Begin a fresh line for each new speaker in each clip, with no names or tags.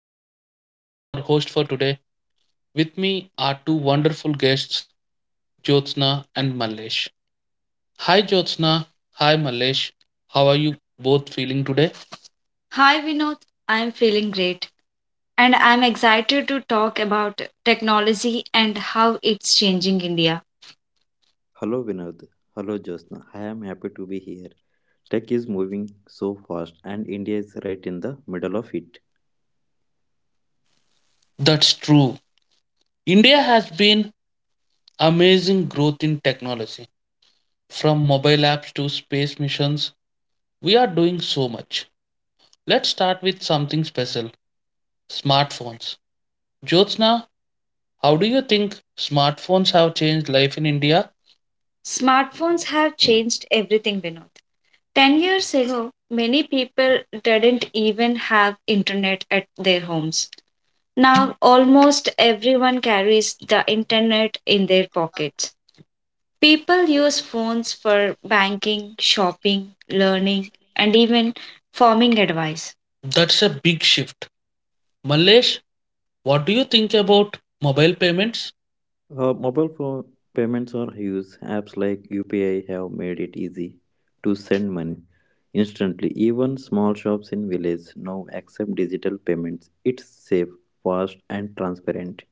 I am Vinod, your host for today. With me are two wonderful guests, Jyotsna and Mallesh. Hi Jyotsna, hi Mallesh. How are you both feeling today? Hi Vinod, I'm feeling great and I'm excited to talk about technology and how it's changing India.
Hello, Vinod. Hello, Josna. I am happy to be here. Tech is moving so fast and India is right in the middle of it.
That's true. India has been amazing growth in technology, from mobile apps to space missions. We are doing so much. Let's start with something special: smartphones. Jyotsna, how do you think smartphones have changed life in India? Smartphones have changed everything, Vinod. 10 years ago, many people didn't even have internet at their homes. Now, almost everyone carries the internet in their pockets. People use phones for banking, shopping, learning, and even farming advice. That's a big shift. Malesh, what do you think about mobile payments?
Mobile phone payments are huge. Apps like UPI have made it easy to send money instantly. Even small shops in villages now accept digital payments. It's safe, fast and transparent.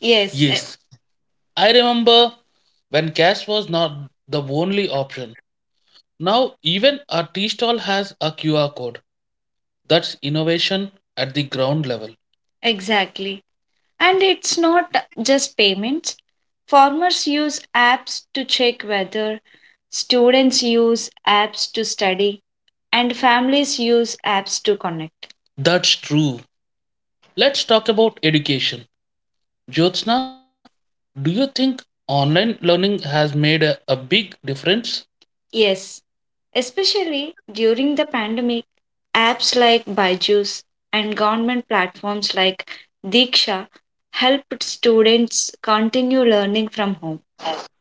Yes, I remember when cash was not the only option. Now, even a tea stall has a QR code. That's innovation at the ground level. Exactly. And it's not just payments. Farmers use apps to check weather, students use apps to study, and families use apps to connect. That's true. Let's talk about education. Jyotsna, do you think online learning has made a big difference? Yes, especially during the pandemic, apps like Byju's and government platforms like Diksha helped students continue learning from home.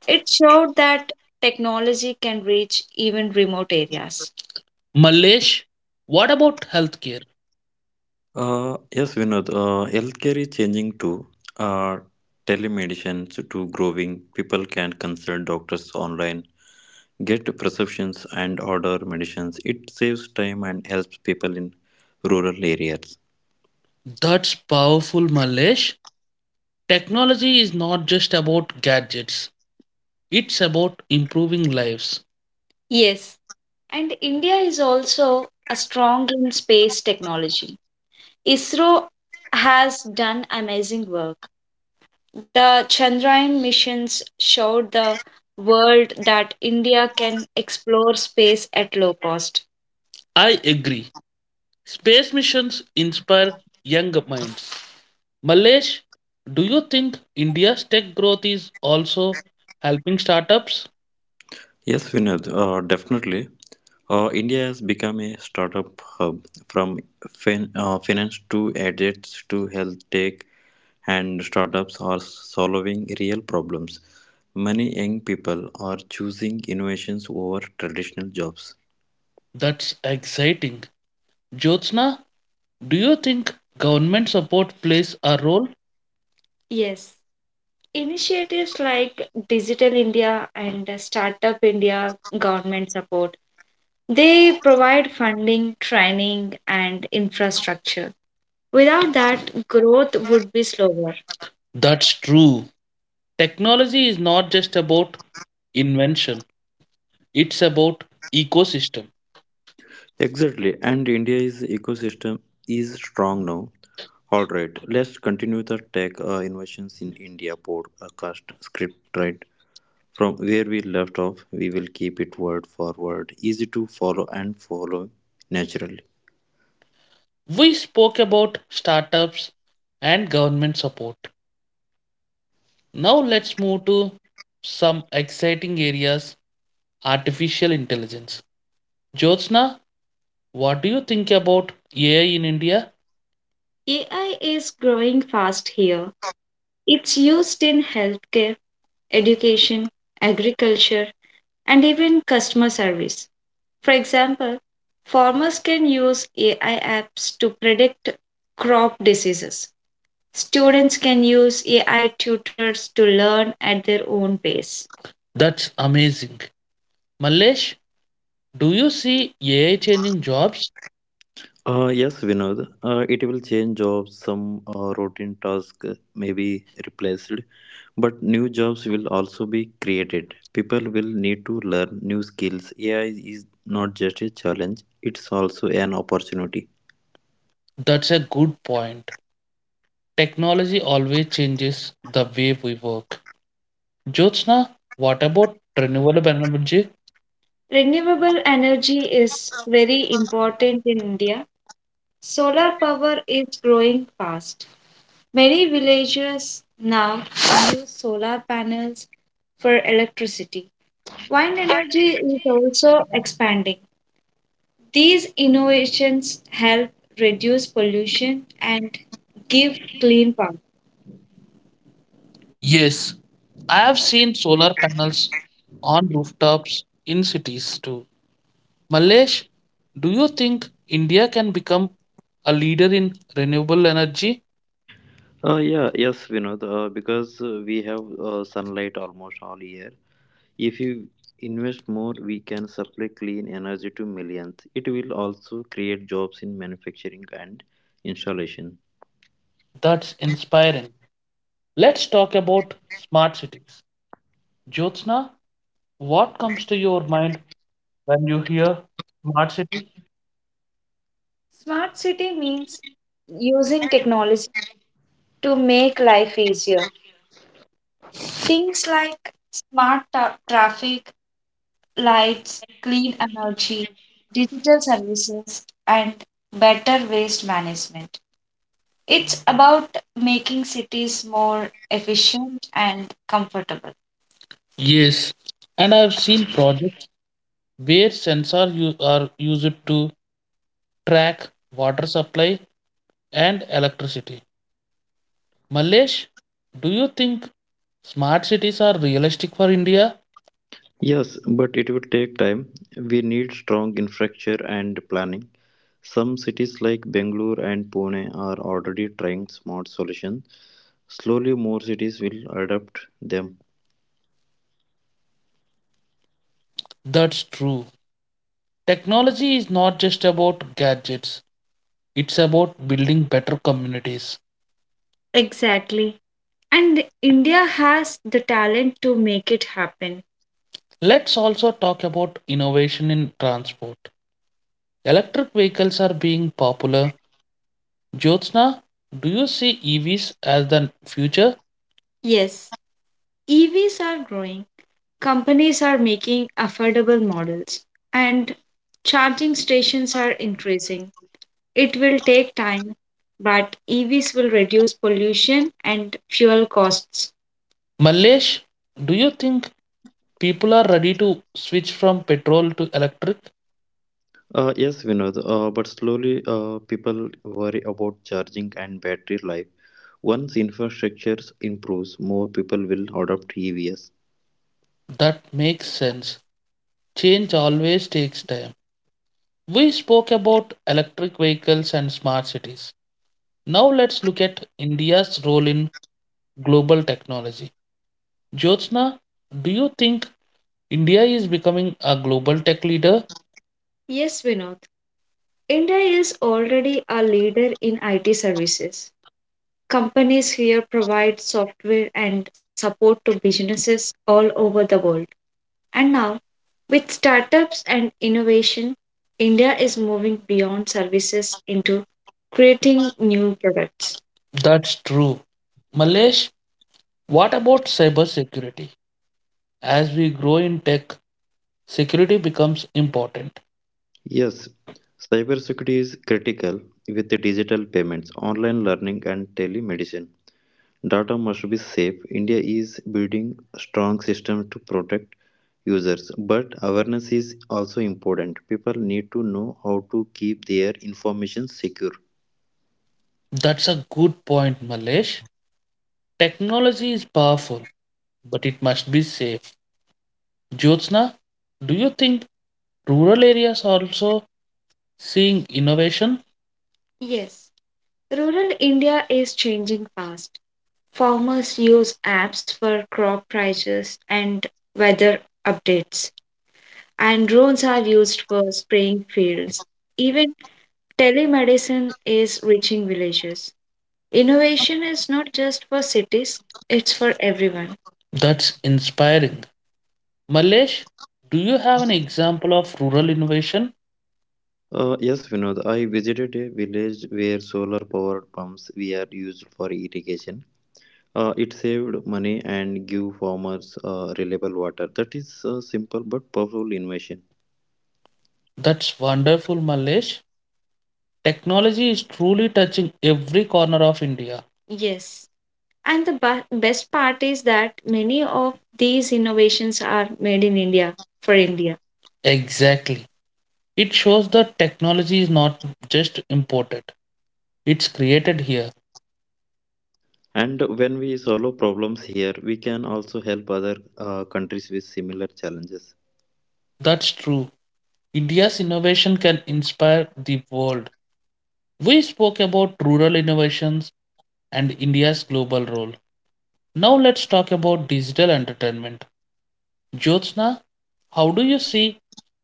It showed that technology can reach even remote areas. Malesh, what about healthcare?
Yes, Vinod. Healthcare is changing too. Uh, telemedicine to growing. People can consult doctors online, get prescriptions and order medicines. It saves time and helps people in rural areas.
That's powerful, Malesh. Technology is not just about gadgets, it's about improving lives. Yes, and India is also a strong in space technology. ISRO has done amazing work. The Chandrayaan missions showed the world that India can explore space at low cost. I agree. Space missions inspire young minds. Malesh, do you think India's tech growth is also helping startups?
Yes, Vinod, definitely. India has become a startup hub, from finance to gadgets to health tech, and startups are solving real problems. Many young people are choosing innovations over traditional jobs.
That's exciting. Jyotsna, do you think government support plays a role? Yes. Initiatives like Digital India and Startup India government support. They provide funding, training, and infrastructure. Without that, growth would be slower. That's true. Technology is not just about invention, it's about ecosystem.
Exactly, and India's ecosystem is strong now. All right, let's continue the tech innovations in India podcast script, right? From where we left off, we will keep it word for word, easy to follow and follow naturally.
We spoke about startups and government support. Now let's move to some exciting areas: artificial intelligence. Jyotsna, what do you think about AI in India? AI is growing fast here. It's used in healthcare, education, agriculture, and even customer service. For example, farmers can use AI apps to predict crop diseases. Students can use AI tutors to learn at their own pace. That's amazing. Malesh, do you see AI changing jobs?
Yes, Vinod, it will change jobs, some routine tasks may be replaced, but new jobs will also be created. People will need to learn new skills. AI is not just a challenge, it's also an opportunity.
That's a good point. Technology always changes the way we work. Jyotsna, what about renewable energy? Renewable energy is very important in India. Solar power is growing fast. Many villages now use solar panels for electricity. Wind energy is also expanding. These innovations help reduce pollution and give clean power. Yes, I have seen solar panels on rooftops in cities too. Malesh, do you think India can become a leader in renewable energy?
Yeah, yes, Vinod, because we have sunlight almost all year. If you invest more, we can supply clean energy to millions. It will also create jobs in manufacturing and installation.
That's inspiring. Let's talk about smart cities. Jyotsna, what comes to your mind when you hear smart city? Smart city means using technology to make life easier. Things like smart traffic, lights, clean energy, digital services, and better waste management. It's about making cities more efficient and comfortable. Yes, and I've seen projects where sensors are used to track water supply and electricity. Malesh, do you think smart cities are realistic for India?
Yes, but it will take time. We need strong infrastructure and planning. Some cities like Bangalore and Pune are already trying smart solutions. Slowly, more cities will adopt them.
That's true. Technology is not just about gadgets, it's about building better communities. Exactly. And India has the talent to make it happen. Let's also talk about innovation in transport. Electric vehicles are being popular. Jyotsna, do you see EVs as the future? Yes, EVs are growing. Companies are making affordable models, and charging stations are increasing. It will take time, but EVs will reduce pollution and fuel costs. Malesh, do you think people are ready to switch from petrol to electric?
Yes, Vinod, but slowly people worry about charging and battery life. Once infrastructure improves, more people will adopt EVs.
That makes sense. Change always takes time. We spoke about electric vehicles and smart cities. Now let's look at India's role in global technology. Jyotsna, do you think India is becoming a global tech leader? Yes, Vinod. India is already a leader in IT services. Companies here provide software and support to businesses all over the world. And now, with startups and innovation, India is moving beyond services into creating new products. That's true. Malesh, what about cybersecurity? As we grow in tech, security becomes important.
Yes, cybersecurity is critical with the digital payments, online learning, and telemedicine. Data must be safe. India is building strong systems to protect users, but awareness is also important. People need to know how to keep their information secure.
That's a good point, Malesh. Technology is powerful, but it must be safe. Jyotsna, do you think rural areas are also seeing innovation? Yes, rural India is changing fast. Farmers use apps for crop prices and weather updates, and drones are used for spraying fields. Even telemedicine is reaching villages. Innovation is not just for cities, it's for everyone. That's inspiring. Malesh, do you have an example of rural innovation?
Yes, Vinod, I visited a village where solar power pumps were used for irrigation. It saved money and give farmers reliable water. That is a simple but powerful innovation.
That's wonderful, Malesh. Technology is truly touching every corner of India. Yes. And the best part is that many of these innovations are made in India for India. Exactly. It shows that technology is not just imported, it's created here.
And when we solve problems here, we can also help other countries with similar challenges.
That's true. India's innovation can inspire the world. We spoke about rural innovations and India's global role. Now let's talk about digital entertainment. Jyotsna, how do you see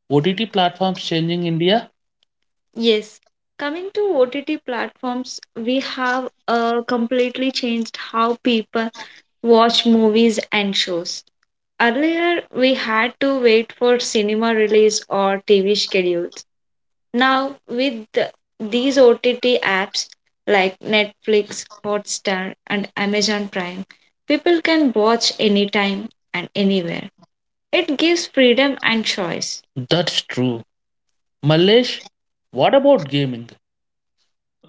OTT platforms changing India? Yes. Coming to OTT platforms, we have completely changed how people watch movies and shows. Earlier, we had to wait for cinema release or TV schedules. Now, with these OTT apps like Netflix, Hotstar, and Amazon Prime, people can watch anytime and anywhere. It gives freedom and choice. That's true. Malesh, what about gaming?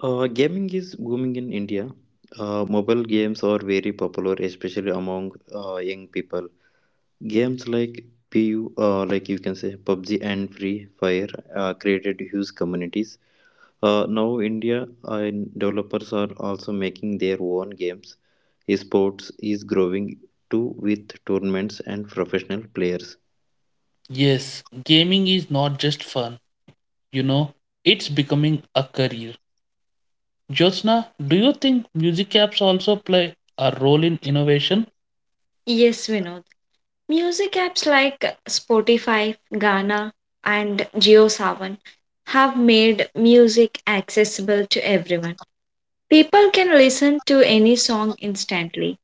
Gaming is booming in India. Mobile games are very popular, especially among young people. Games like PU, like you can say PUBG and Free Fire, created huge communities. Now India developers are also making their own games. Sports is growing too, with tournaments and professional players.
Yes, gaming is not just fun, you know, it's becoming a career. Jyotsna, do you think music apps also play a role in innovation? Yes, Vinod. Music apps like Spotify, Gaana, and JioSaavn have made music accessible to everyone. People can listen to any song instantly.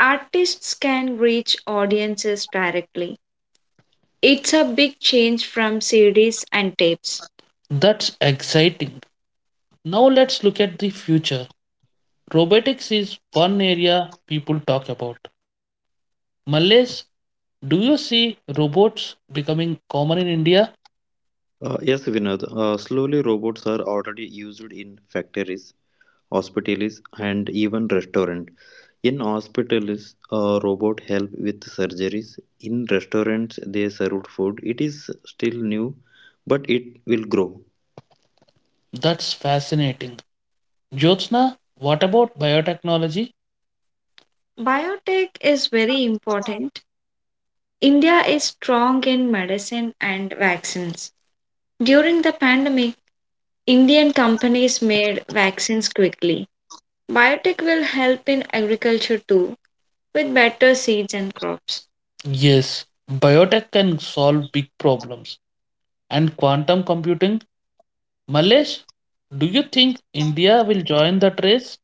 Artists can reach audiences directly. It's a big change from CDs and tapes. That's exciting. Now let's look at the future. Robotics is one area people talk about. Malays, do you see robots becoming common in India?
Yes, Vinod. Slowly, robots are already used in factories, hospitals, and even restaurants. In hospitals, a robot helped with surgeries. In restaurants, they served food. It is still new, but it will grow.
That's fascinating. Jyotsna, what about biotechnology? Biotech is very important. India is strong in medicine and vaccines. During the pandemic, Indian companies made vaccines quickly. Biotech will help in agriculture too, with better seeds and crops. Yes, biotech can solve big problems. And quantum computing, Malesh, do you think India will join that race?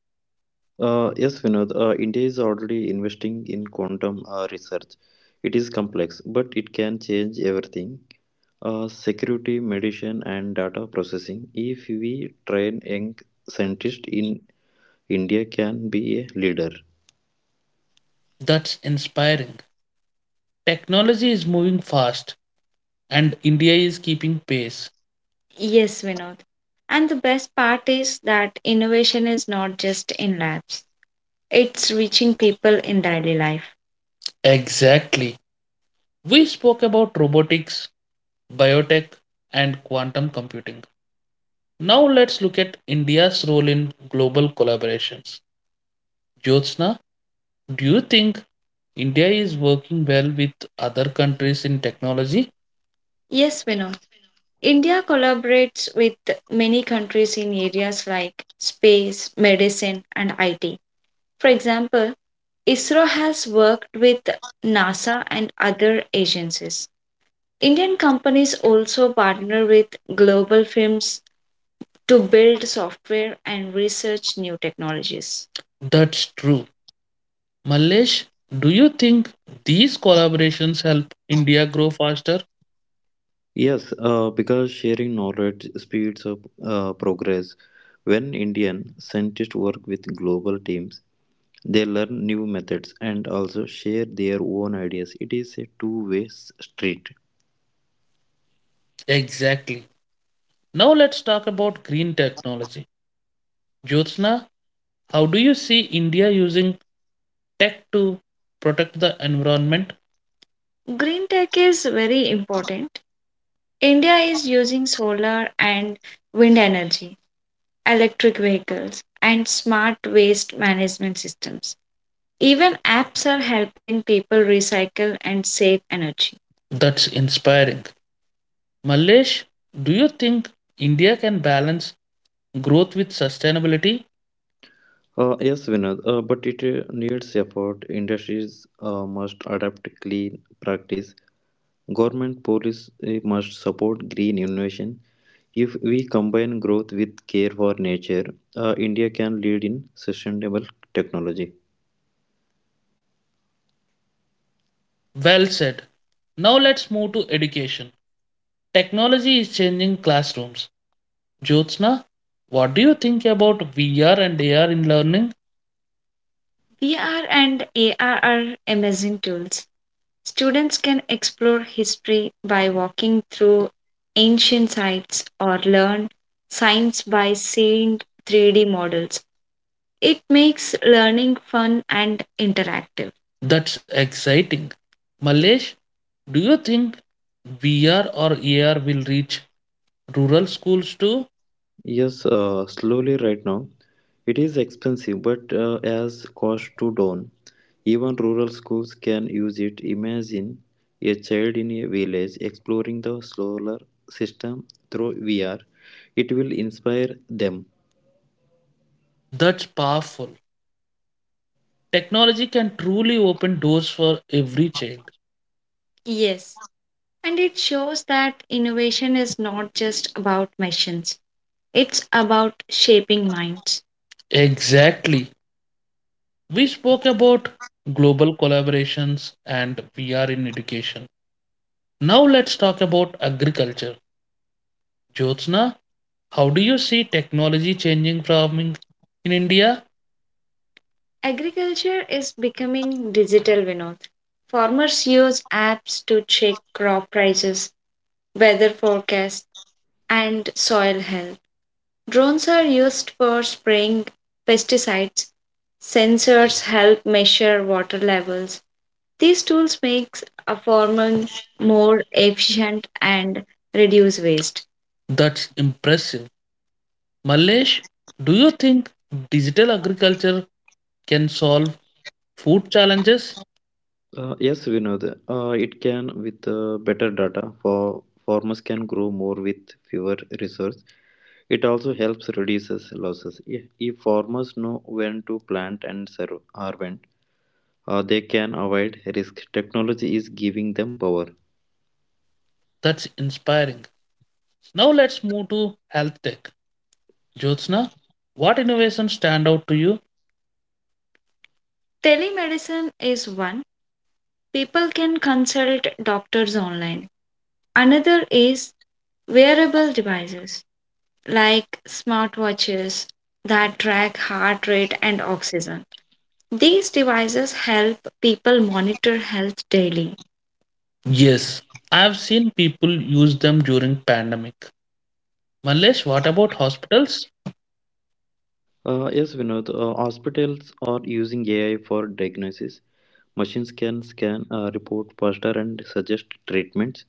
Yes, Vinod, India is already investing in quantum research. It is complex, but it can change everything. Security, medicine, and data processing. If we train young scientists in India, can be a leader.
That's inspiring. Technology is moving fast, and India is keeping pace. Yes, Vinod. And the best part is that innovation is not just in labs. It's reaching people in daily life. Exactly. We spoke about robotics, biotech, and quantum computing. Now let's look at India's role in global collaborations. Jyotsna, do you think India is working well with other countries in technology? Yes, Vinod. India collaborates with many countries in areas like space, medicine, and IT. For example, ISRO has worked with NASA and other agencies. Indian companies also partner with global firms to build software and research new technologies. That's true. Malesh, do you think these collaborations help India grow faster?
Yes, because sharing knowledge speeds up progress. When Indian scientists work with global teams, they learn new methods and also share their own ideas. It is a two-way street.
Exactly. Now let's talk about green technology. Jyotsna, how do you see India using tech to protect the environment? Green tech is very important. India is using solar and wind energy, electric vehicles, and smart waste management systems. Even apps are helping people recycle and save energy. That's inspiring. Malesh, do you think India can balance growth with sustainability?
Yes, Vinod, but it needs effort. Industries must adapt clean practice. Government police must support green innovation. If we combine growth with care for nature, India can lead in sustainable technology.
Well said. Now let's move to education. Technology is changing classrooms. Jyotsna, what do you think about VR and AR in learning? VR and AR are amazing tools. Students can explore history by walking through ancient sites or learn science by seeing 3D models. It makes learning fun and interactive. That's exciting. Malesh, do you think VR or AR will reach rural schools too?
Yes, slowly right now. It is expensive, but as cost to down. Even rural schools can use it. Imagine a child in a village exploring the solar system through VR. It will inspire them.
That's powerful. Technology can truly open doors for every child. Yes, and it shows that innovation is not just about machines, it's about shaping minds. Exactly. We spoke about global collaborations and VR in education. Now let's talk about agriculture. Jyotsna, how do you see technology changing farming in India? Agriculture is becoming digital, Vinod. Farmers use apps to check crop prices, weather forecasts, and soil health. Drones are used for spraying pesticides. Sensors help measure water levels. These tools make a farming more efficient and reduce waste. That's impressive. Malesh, do you think digital agriculture can solve food challenges?
Yes, Vinod. It can with better data. For farmers can grow more with fewer resources. It also helps reduces losses. If farmers know when to plant and serve, they can avoid risk. Technology is giving them power.
That's inspiring. Now let's move to health tech. Jyotsna, what innovations stand out to you? Telemedicine is one. People can consult doctors online. Another is wearable devices like smartwatches that track heart rate and oxygen. These devices help people monitor health daily. Yes, I've seen people use them during pandemic. Malesh, what about hospitals?
Yes, Vinod, hospitals are using AI for diagnosis. Machines can scan a report faster and suggest treatments.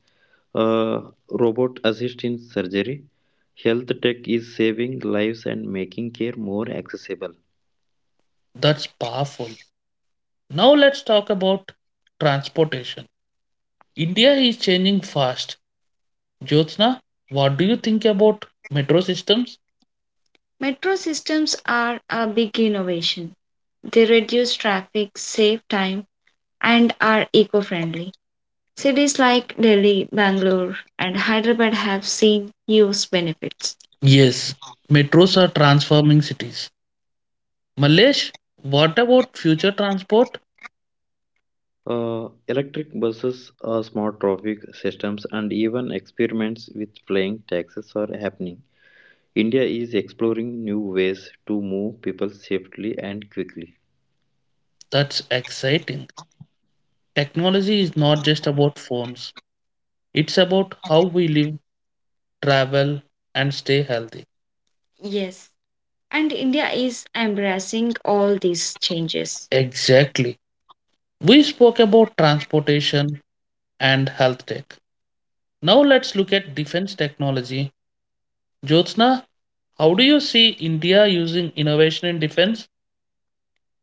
Uh, robot assist in surgery. Health tech is saving lives and making care more accessible.
That's powerful. Now let's talk about transportation. India is changing fast. Jyotsna, what do you think about metro systems? Metro systems are a big innovation. They reduce traffic, save time, and are eco friendly. Cities like Delhi, Bangalore, and Hyderabad have seen huge benefits. Yes, metros are transforming cities. Malesh, what about future transport?
Electric buses, smart traffic systems, and even experiments with flying taxis are happening. India is exploring new ways to move people safely and quickly.
That's exciting. Technology is not just about phones, it's about how we live, travel, and stay healthy. Yes, and India is embracing all these changes. Exactly. We spoke about transportation and health tech. Now let's look at defense technology. Jyotsna, how do you see India using innovation in defense?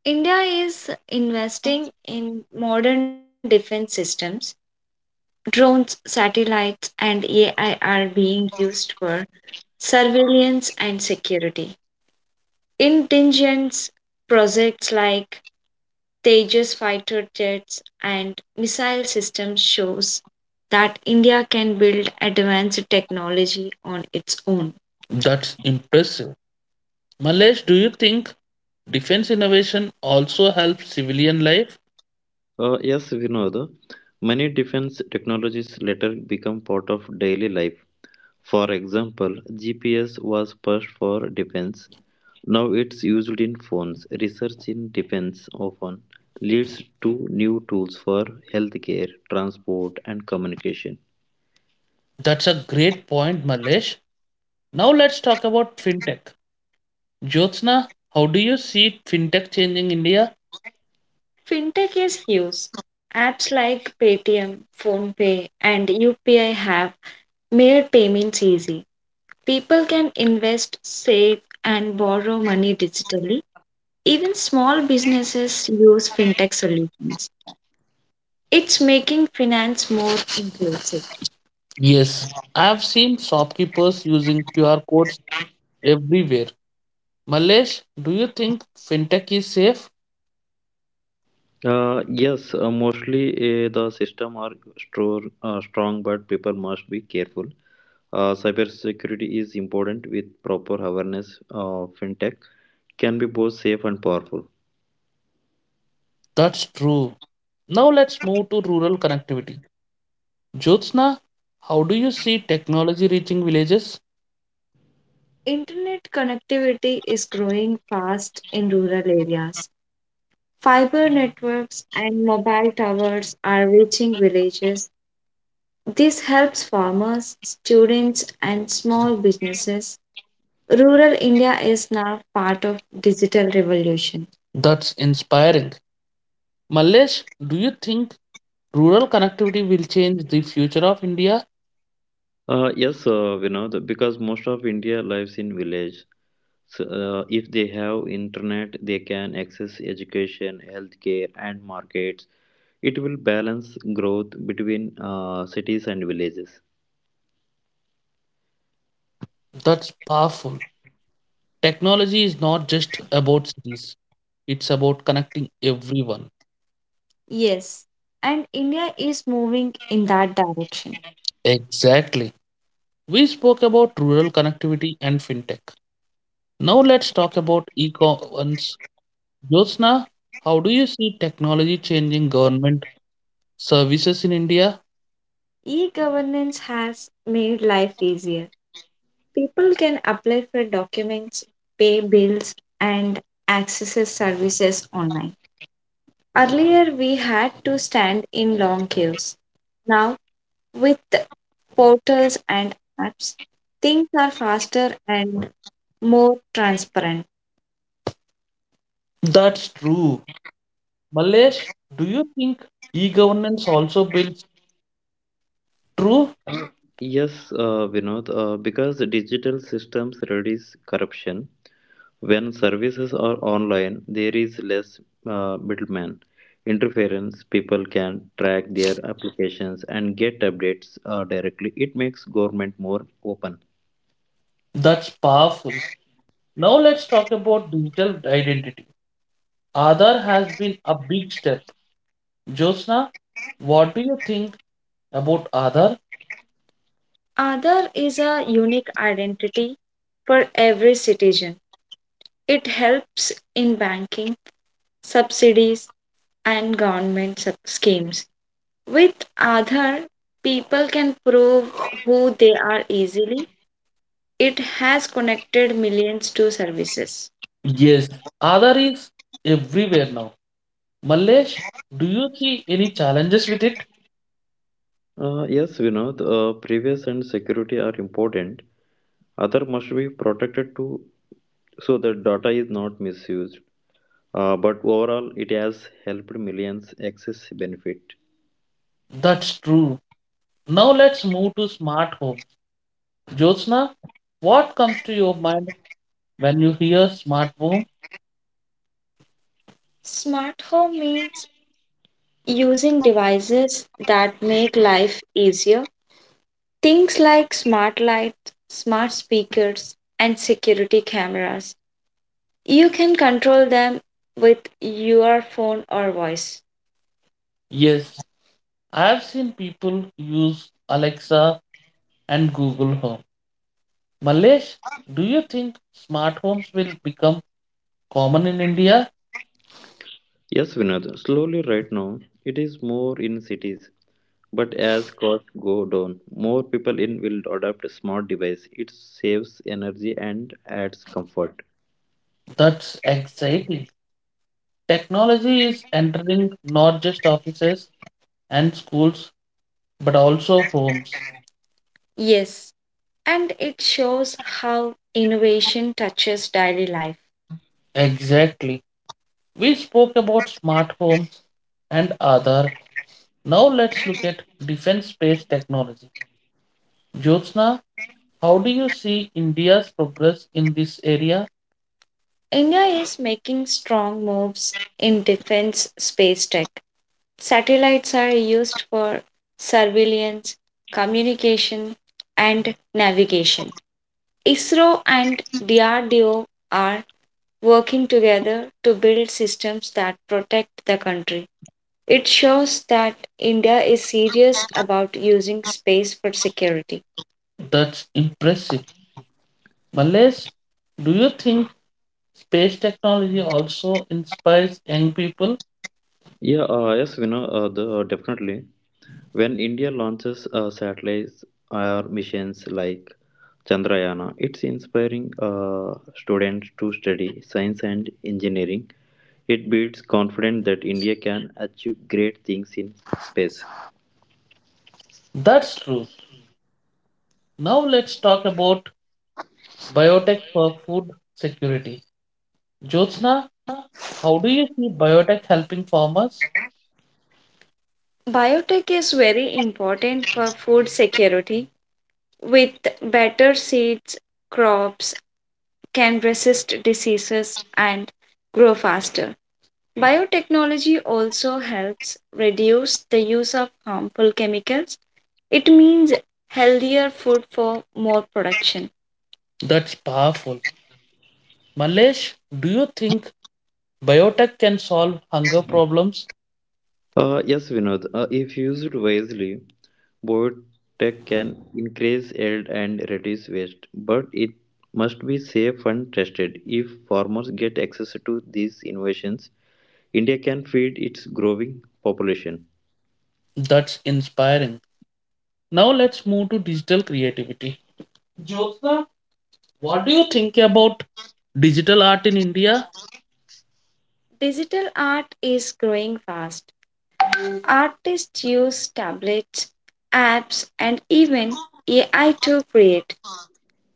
India is investing in modern defense systems. Drones, satellites, and AI are being used for surveillance and security. Intelligence projects like Tejas fighter jets and missile systems shows that India can build advanced technology on its own. That's impressive. Malesh, do you think defense innovation also helps civilian life?
Yes, Vinod, many defense technologies later become part of daily life. For example, GPS was first for defense. Now it's used in phones. Research in defense often leads to new tools for healthcare, transport, and communication.
That's a great point, Malesh. Now let's talk about fintech. Jyotsna, how do you see fintech changing India? Fintech is huge. Apps like Paytm, PhonePe, and UPI have made payments easy. People can invest, save, and borrow money digitally. Even small businesses use fintech solutions. It's making finance more inclusive. Yes, I've seen shopkeepers using QR codes everywhere. Malesh, do you think fintech is safe?
Yes, mostly the system are strong, but people must be careful. Cybersecurity is important with proper awareness. Fintech can be both safe and powerful.
That's true. Now let's move to rural connectivity. Jyotsna, how do you see technology reaching villages? Internet connectivity is growing fast in rural areas. Fiber networks and mobile towers are reaching villages. This helps farmers, students, and small businesses. Rural India is now part of digital revolution. That's inspiring. Mallesh, do you think rural connectivity will change the future of India?
Yes, we know that because most of India lives in village. So, if they have internet, they can access education, healthcare, and markets. It will balance growth between cities and villages.
That's powerful. Technology is not just about cities, it's about connecting everyone. Yes, and India is moving in that direction. Exactly. We spoke about rural connectivity and fintech. Now let's talk about e-governance. Jyotsna, how do you see technology changing government services in India? E governance has made life easier. People can apply for documents, pay bills, and access services online. Earlier, we had to stand in long queues. Now, with portals and apps, things are faster and more transparent. That's true. Malesh, do you think e governance also builds true?
Yes, Vinod, because the digital systems reduce corruption. When services are online, there is less middleman interference. People can track their applications and get updates directly. It makes government more open.
That's powerful. Now let's talk about digital identity. Aadhaar has been a big step. Josna, what do you think about Aadhaar? Aadhaar is a unique identity for every citizen. It helps in banking, subsidies, and government schemes. With Aadhaar, people can prove who they are easily. It has connected millions to services. Yes, Aadhaar is everywhere now. Mallesh, do you see any challenges with it?
Yes, Vinod, privacy and security are important. Other must be protected too, so that data is not misused. But overall, it has helped millions access benefit.
That's true. Now let's move to smart home. Jyotsna, what comes to your mind when you hear smart home? Smart home means using devices that make life easier. Things like smart lights, smart speakers, and security cameras. You can control them with your phone or voice. Yes, I have seen people use Alexa and Google Home. Malesh, do you think smart homes will become common in India?
Yes, Vinod, slowly right now, it is more in cities, but as costs go down, more people in will adopt smart device. It saves energy and adds comfort.
That's exciting. Technology is entering not just offices and schools, but also homes. Yes, and it shows how innovation touches daily life. Exactly. We spoke about smart homes and Aadhaar. Now let's look at defense space technology. Jyotsna, how do you see India's progress in this area? India is making strong moves in defense space tech. Satellites are used for surveillance, communication, and navigation. ISRO and DRDO are working together to build systems that protect the country. It shows that India is serious about using space for security. That's impressive. Males, do you think space technology also inspires young people?
Definitely. When India launches satellites or missions like Chandrayana, it's inspiring students to study science and engineering. It builds confidence that India can achieve great things in space.
That's true. Now let's talk about biotech for food security. Jyotsna, how do you see biotech helping farmers? Biotech is very important for food security. With better seeds, crops can resist diseases and grow faster. Biotechnology also helps reduce the use of harmful chemicals. It means healthier food for more production. That's powerful. Malesh, do you think biotech can solve hunger problems?
Yes, Vinod, if used wisely, biotech can increase yield and reduce waste, but it must be safe and trusted. If farmers get access to these innovations, India can feed its growing population.
That's inspiring. Now let's move to digital creativity. Jyotsna, what do you think about digital art in India? Digital art is growing fast. Artists use tablets, apps, and even AI to create.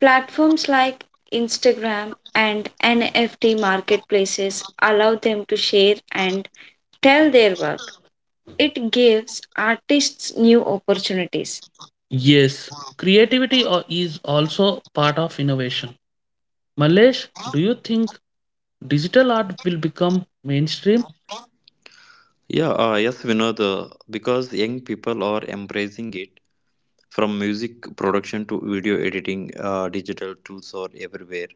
Platforms like Instagram and NFT marketplaces allow them to share and tell their work. It gives artists new opportunities. Yes, creativity is also part of innovation. Malesh, do you think digital art will become mainstream?
Yeah, yes, Vinod, because young people are embracing it, from music production to video editing, digital tools are everywhere.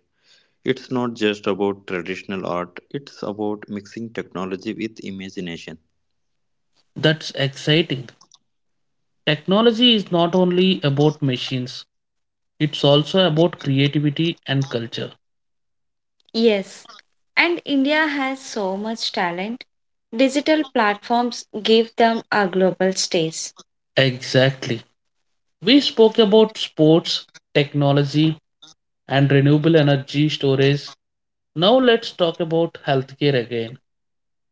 It's not just about traditional art, it's about mixing technology with imagination.
That's exciting. Technology is not only about machines, it's also about creativity and culture. Yes, and India has so much talent. Digital platforms give them a global stage. Exactly. We spoke about sports, technology, and renewable energy storage. Now let's talk about healthcare again,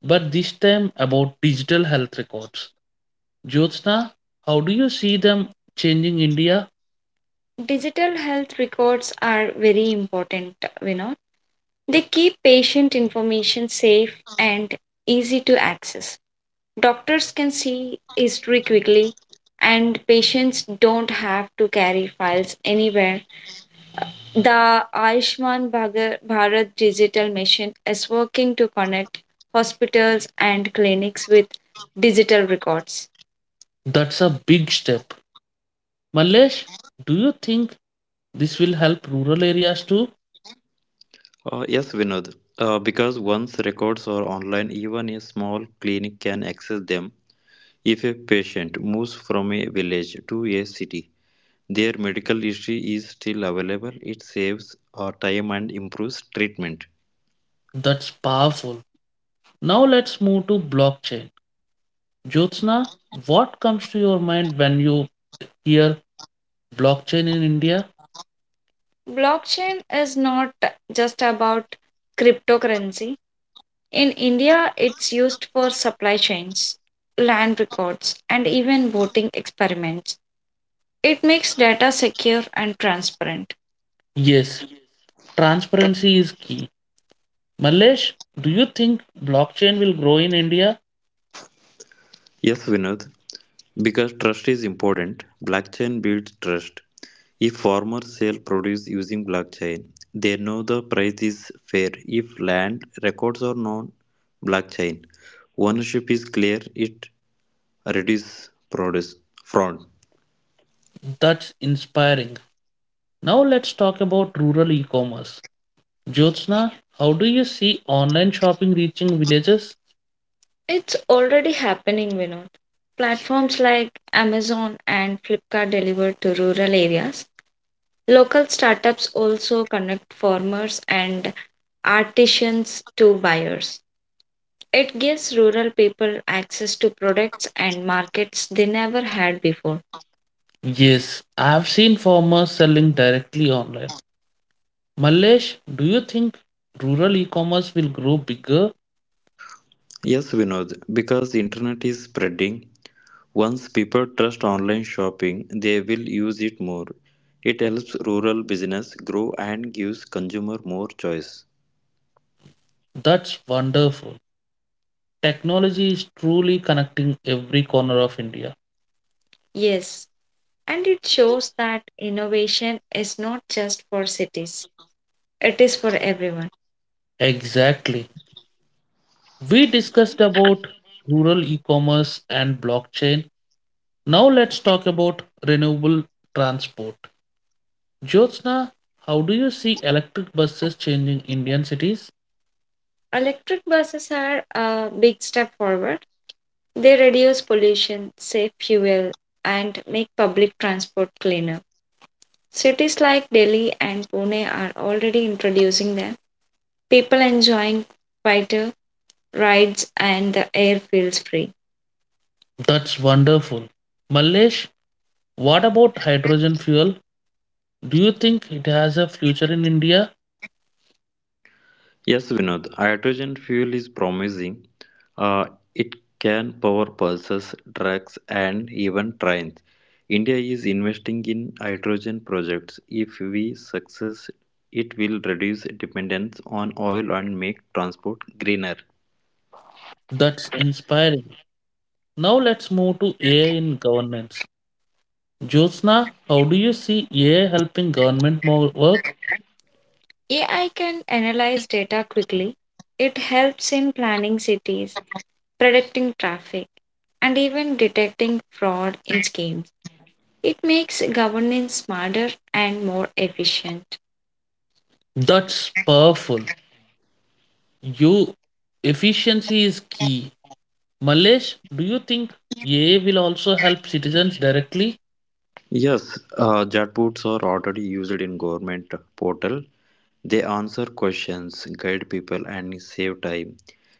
but this time about digital health records. Jyotsna, how do you see them changing India? Digital health records are very important, you know. They keep patient information safe and easy to access. Doctors can see history quickly and patients don't have to carry files anywhere. The Ayushman Bharat digital mission is working to connect hospitals and clinics with digital records. That's a big step. Mallesh, do you think this will help rural areas too?
Yes, Vinod. Because once records are online, even a small clinic can access them. If a patient moves from a village to a city, their medical history is still available. It saves time and improves treatment.
That's powerful. Now let's move to blockchain. Jyotsna, what comes to your mind when you hear blockchain in India? Blockchain is not just about cryptocurrency. In India, it's used for supply chains, land records, and even voting experiments. It makes data secure and transparent. Yes, transparency is key. Malesh, do you think blockchain will grow in India?
Yes, Vinod. Because trust is important, blockchain builds trust. If farmers sell produce using blockchain, they know the price is fair. If land records are known, blockchain ownership is clear. It reduce produce fraud.
That's inspiring. Now let's talk about rural e-commerce. Jyotsna, how do you see online shopping reaching villages? It's already happening, Vinod. Platforms like Amazon and Flipkart deliver to rural areas. Local startups also connect farmers and artisans to buyers. It gives rural people access to products and markets they never had before. Yes, I've seen farmers selling directly online. Malesh, do you think rural e commerce will grow bigger?
Yes, Vinod, because internet is spreading, once people trust online shopping, they will use it more. It helps rural business grow and gives consumer more choice.
That's wonderful. Technology is truly connecting every corner of India. Yes, and it shows that innovation is not just for cities, it is for everyone. Exactly. We discussed about rural e commerce and blockchain. Now let's talk about renewable transport. Jyotsna, how do you see electric buses changing Indian cities? Electric buses are a big step forward. They reduce pollution, save fuel, and make public transport cleaner. Cities like Delhi and Pune are already introducing them. People enjoying quieter rides and the air feels free. That's wonderful. Mallesh, what about hydrogen fuel? Do you think it has a future in India?
Yes, Vinod, hydrogen fuel is promising. Uh, it can power buses, trucks and even trains. India is investing in hydrogen projects. If we success, it will reduce dependence on oil and make transport greener.
That's inspiring. Now let's move to AI in governance. Jyotsna, how do you see AI helping government more work? AI can analyze data quickly. It helps in planning cities, predicting traffic, and even detecting fraud in schemes. It makes governance smarter and more efficient. That's powerful. You efficiency is key. Malesh, do you think AI will also help citizens directly?
Yes, chatbots are already used in government portal. They answer questions, guide people, and save time.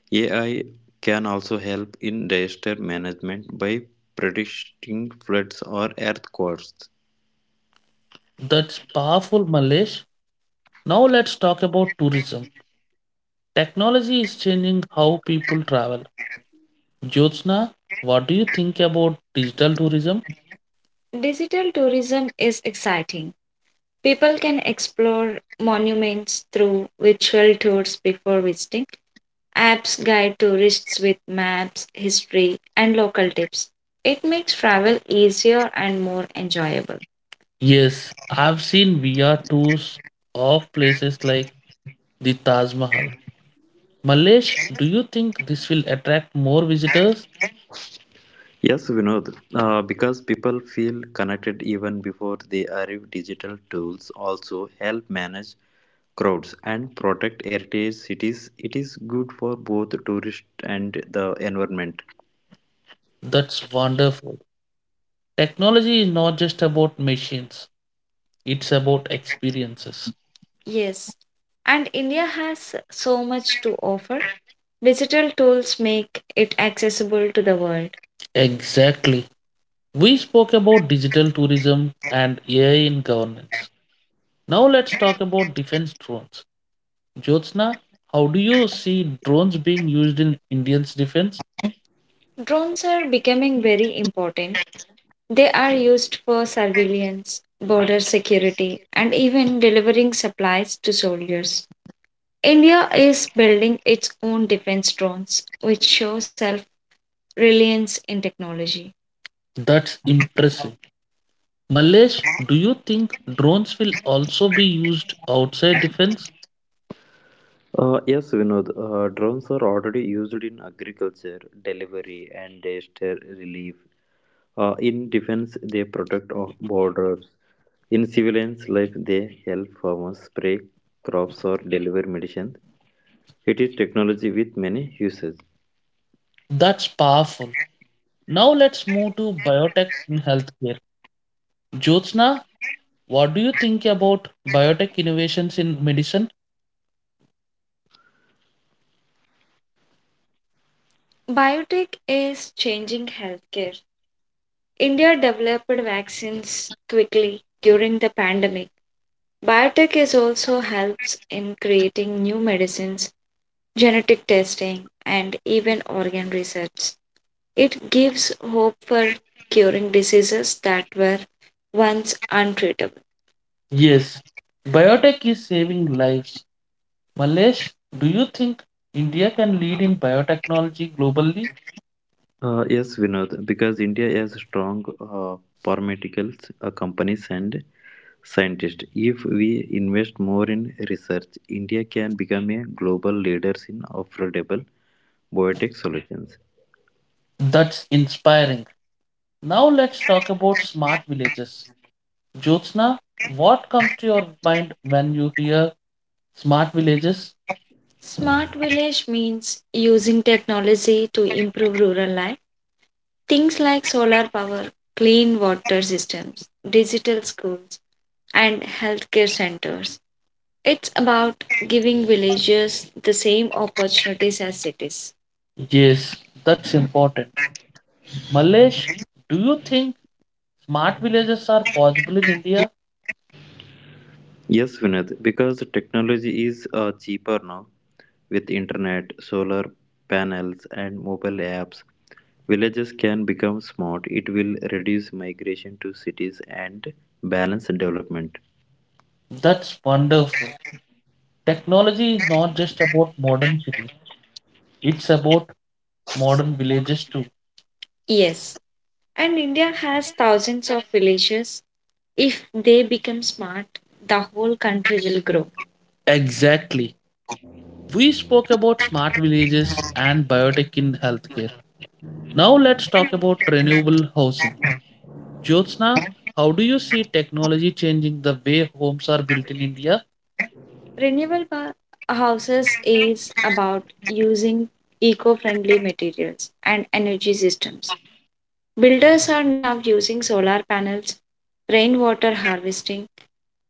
AI can also help in disaster management by predicting floods or earthquakes.
That's powerful, Malesh. Now let's talk about tourism. Technology is changing how people travel. Jyotsna, what do you think about digital tourism? Digital tourism is exciting. People can explore monuments through virtual tours before visiting. Apps guide tourists with maps, history, and local tips. It makes travel easier and more enjoyable. Yes, I've seen VR tours of places like the Taj Mahal. Malesh, do you think this will attract more visitors?
Yes, Vinod, because people feel connected even before they arrive, digital tools also help manage crowds and protect heritage cities. It is good for both tourists and the environment.
That's wonderful. Technology is not just about machines, it's about experiences. Yes, and India has so much to offer. Digital tools make it accessible to the world. Exactly. We spoke about digital tourism and AI in governance. Now let's talk about defense drones. Jyotsna, how do you see drones being used in Indians' defense? Drones are becoming very important. They are used for surveillance, border security, and even delivering supplies to soldiers. India is building its own defense drones, which shows self reliance in technology. That's impressive. Malesh, do you think drones will also be used outside defense?
Yes, Vinod, drones are already used in agriculture, delivery, and disaster relief. In defense, they protect our borders. In civilians life, they help farmers spray crops or deliver medicine. It is technology with many uses.
That's powerful. Now let's move to biotech in healthcare. Jyotsna, what do you think about biotech innovations in medicine? Biotech is changing healthcare. India developed vaccines quickly during the pandemic. Biotech is also helps in creating new medicines, genetic testing, and even organ research. It gives hope for curing diseases that were once untreatable. Yes, biotech is saving lives. Malesh, do you think India can lead in biotechnology globally?
Yes, Vinod, because India has strong pharmaceutical companies and scientists. If we invest more in research, India can become a global leader in affordable biotech solutions.
That's inspiring. Now let's talk about smart villages. Jyotsna, what comes to your mind when you hear smart villages? Smart village means using technology to improve rural life. Things like solar power, clean water systems, digital schools, and healthcare centers. It's about giving villagers the same opportunities as cities. Yes, that's important. Malesh, do you think smart villages are possible in India?
Yes, Vinod, because technology is cheaper now with internet, solar panels, and mobile apps. Villages can become smart. It will reduce migration to cities and balance development.
That's wonderful. Technology is not just about modern cities, it's about modern villages too. Yes, and India has thousands of villages. If they become smart, the whole country will grow. Exactly. We spoke about smart villages and biotech in healthcare. Now let's talk about renewable housing. Jyotsna, how do you see technology changing the way homes are built in India? Renewable houses is about using eco friendly materials and energy systems. Builders are now using solar panels, rainwater harvesting,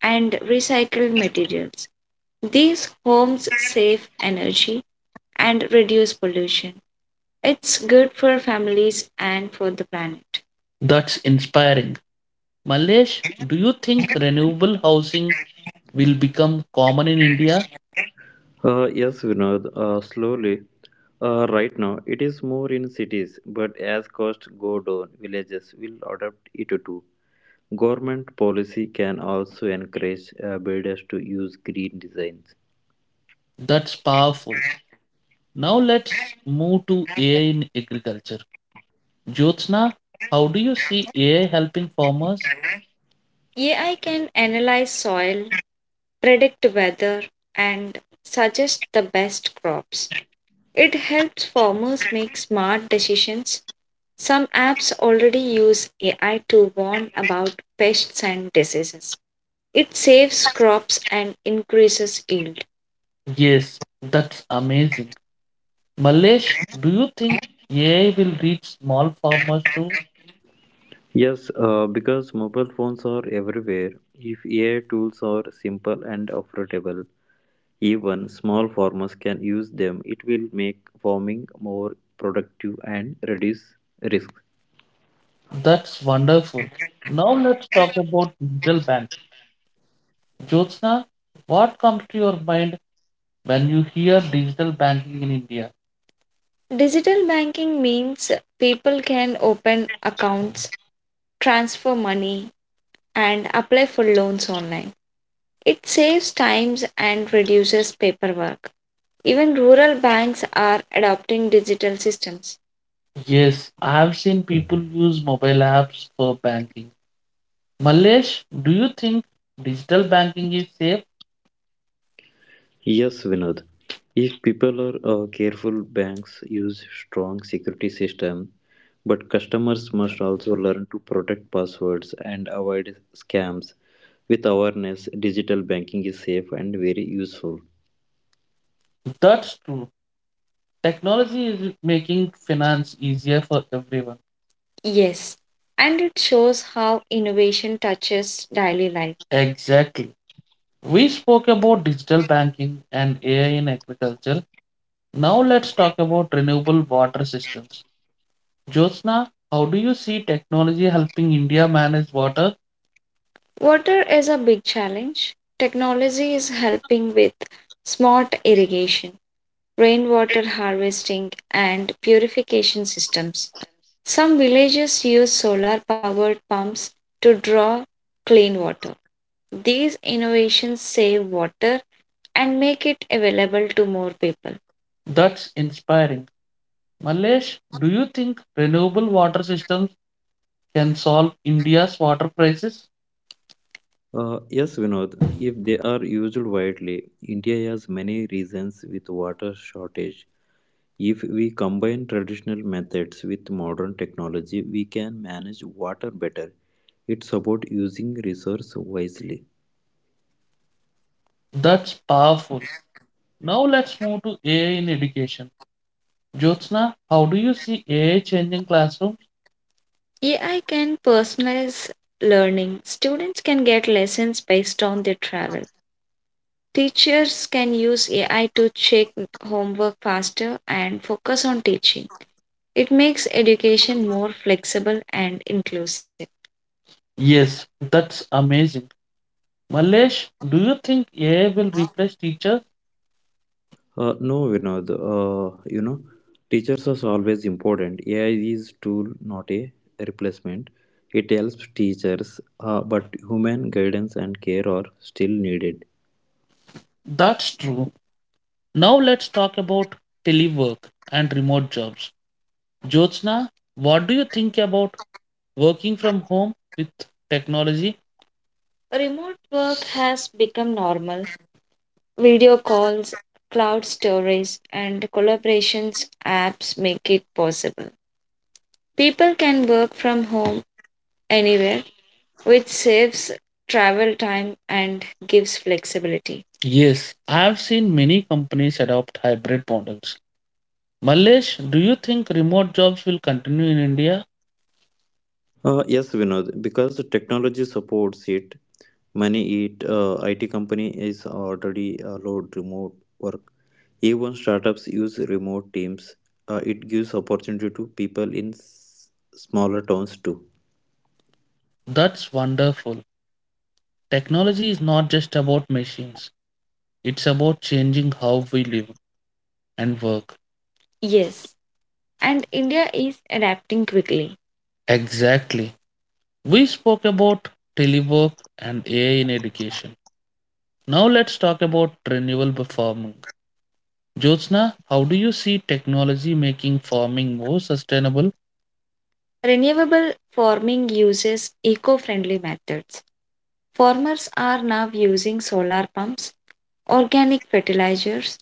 and recycled materials. These homes save energy and reduce pollution. It's good for families and for the planet. That's inspiring. Malesh, do you think renewable housing will become common in India?
Yes, Vinod, slowly. Right now, it is more in cities, but as costs go down, villages will adopt it too. Government policy can also encourage builders to use green designs.
That's powerful. Now let's move to AI in agriculture. Jyotsna, how do you see AI helping farmers? AI can analyze soil, predict weather, and suggest the best crops. It helps farmers make smart decisions. Some apps already use AI to warn about pests and diseases. It saves crops and increases yield. Yes, that's amazing. Malesh, do you think AI will reach small farmers too?
Yes, because mobile phones are everywhere, if AI tools are simple and affordable, even small farmers can use them. It will make farming more productive and reduce risk.
That's wonderful. Now let's talk about digital banking. Jyotsna, what comes to your mind when you hear digital banking in India? Digital banking means people can open accounts, transfer money, and apply for loans online. It saves times and reduces paperwork. Even rural banks are adopting digital systems. Yes, I have seen people use mobile apps for banking. Malesh, do you think digital banking is safe?
Yes, Vinod. If people are careful, banks use strong security system, but customers must also learn to protect passwords and avoid scams. With awareness, digital banking is safe and very useful.
That's true. Technology is making finance easier for everyone. Yes, and it shows how innovation touches daily life. Exactly. We spoke about digital banking and AI in agriculture. Now let's talk about renewable water systems. Jyotsna, how do you see technology helping India manage water? Water is a big challenge. Technology is helping with smart irrigation, rainwater harvesting, and purification systems. Some villages use solar powered pumps to draw clean water. These innovations save water and make it available to more people. That's inspiring. Malesh, do you think renewable water systems can solve India's water crisis?
Yes, Vinod. If they are used widely, India has many regions with water shortage. If we combine traditional methods with modern technology, we can manage water better. It's about using resource wisely.
That's powerful. Now let's move to AI in education. Jyotsna, how do you see AI changing classrooms? AI can personalize learning. Students can get lessons based on their travel. Teachers can use AI to check homework faster and focus on teaching. It makes education more flexible and inclusive. Yes, that's amazing. Mallesh, do you think AI will replace teachers?
No, Vinod, teachers are always important. AI is tool, not a replacement. It helps teachers, but human guidance and care are still needed.
That's true. Now let's talk about telework and remote jobs. Jyotsna, what do you think about working from home with technology? Remote work has become normal. Video calls, cloud storage, and collaborations apps make it possible. People can work from home anywhere, which saves travel time and gives flexibility. Yes, I have seen many companies adopt hybrid models. Malesh, do you think remote jobs will continue in India?
Yes, Vinod, because the technology supports it, many IT company is already allowed remote work. Even startups use remote teams. It gives opportunity to people in smaller towns too.
That's wonderful. Technology is not just about machines, it's about changing how we live and work. Yes, and India is adapting quickly. Exactly. We spoke about telework and AI in education. Now let's talk about renewable farming. Jyotsna, how do you see technology making farming more sustainable? Renewable farming uses eco friendly methods. Farmers are now using solar pumps, organic fertilizers,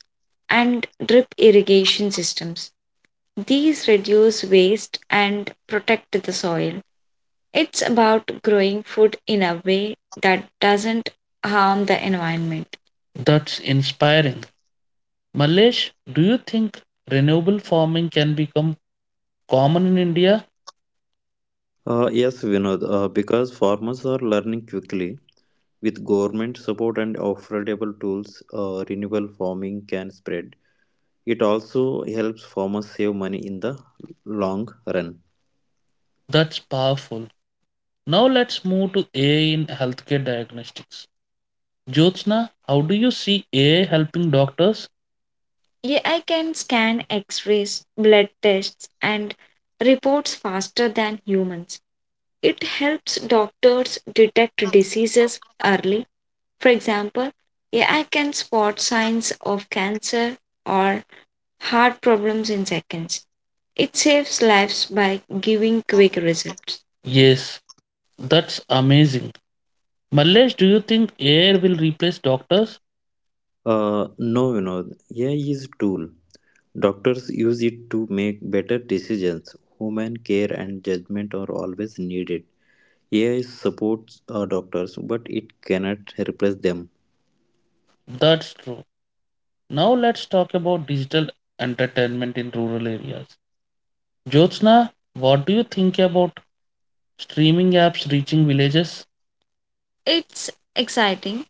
and drip irrigation systems. These reduce waste and protect the soil. It's about growing food in a way that doesn't harm the environment. That's inspiring. Malesh, do you think renewable farming can become common in India?
Yes, Vinod, because farmers are learning quickly. With government support and affordable tools, renewable farming can spread. It also helps farmers save money in the long run.
That's powerful. Now let's move to AI in healthcare diagnostics. Jyotsna, how do you see AI helping doctors? AI can scan x rays, blood tests, and reports faster than humans. It helps doctors detect diseases early. For example, AI can spot signs of cancer or heart problems in seconds. It saves lives by giving quick results. Yes, that's amazing. Mallesh, do you think AI will replace doctors?
No, AI is tool. Doctors use it to make better decisions. Human care and judgment are always needed. AI supports doctors, but it cannot replace them.
That's true. Now let's talk about digital entertainment in rural areas. Jyotsna, what do you think about streaming apps reaching villages? It's exciting.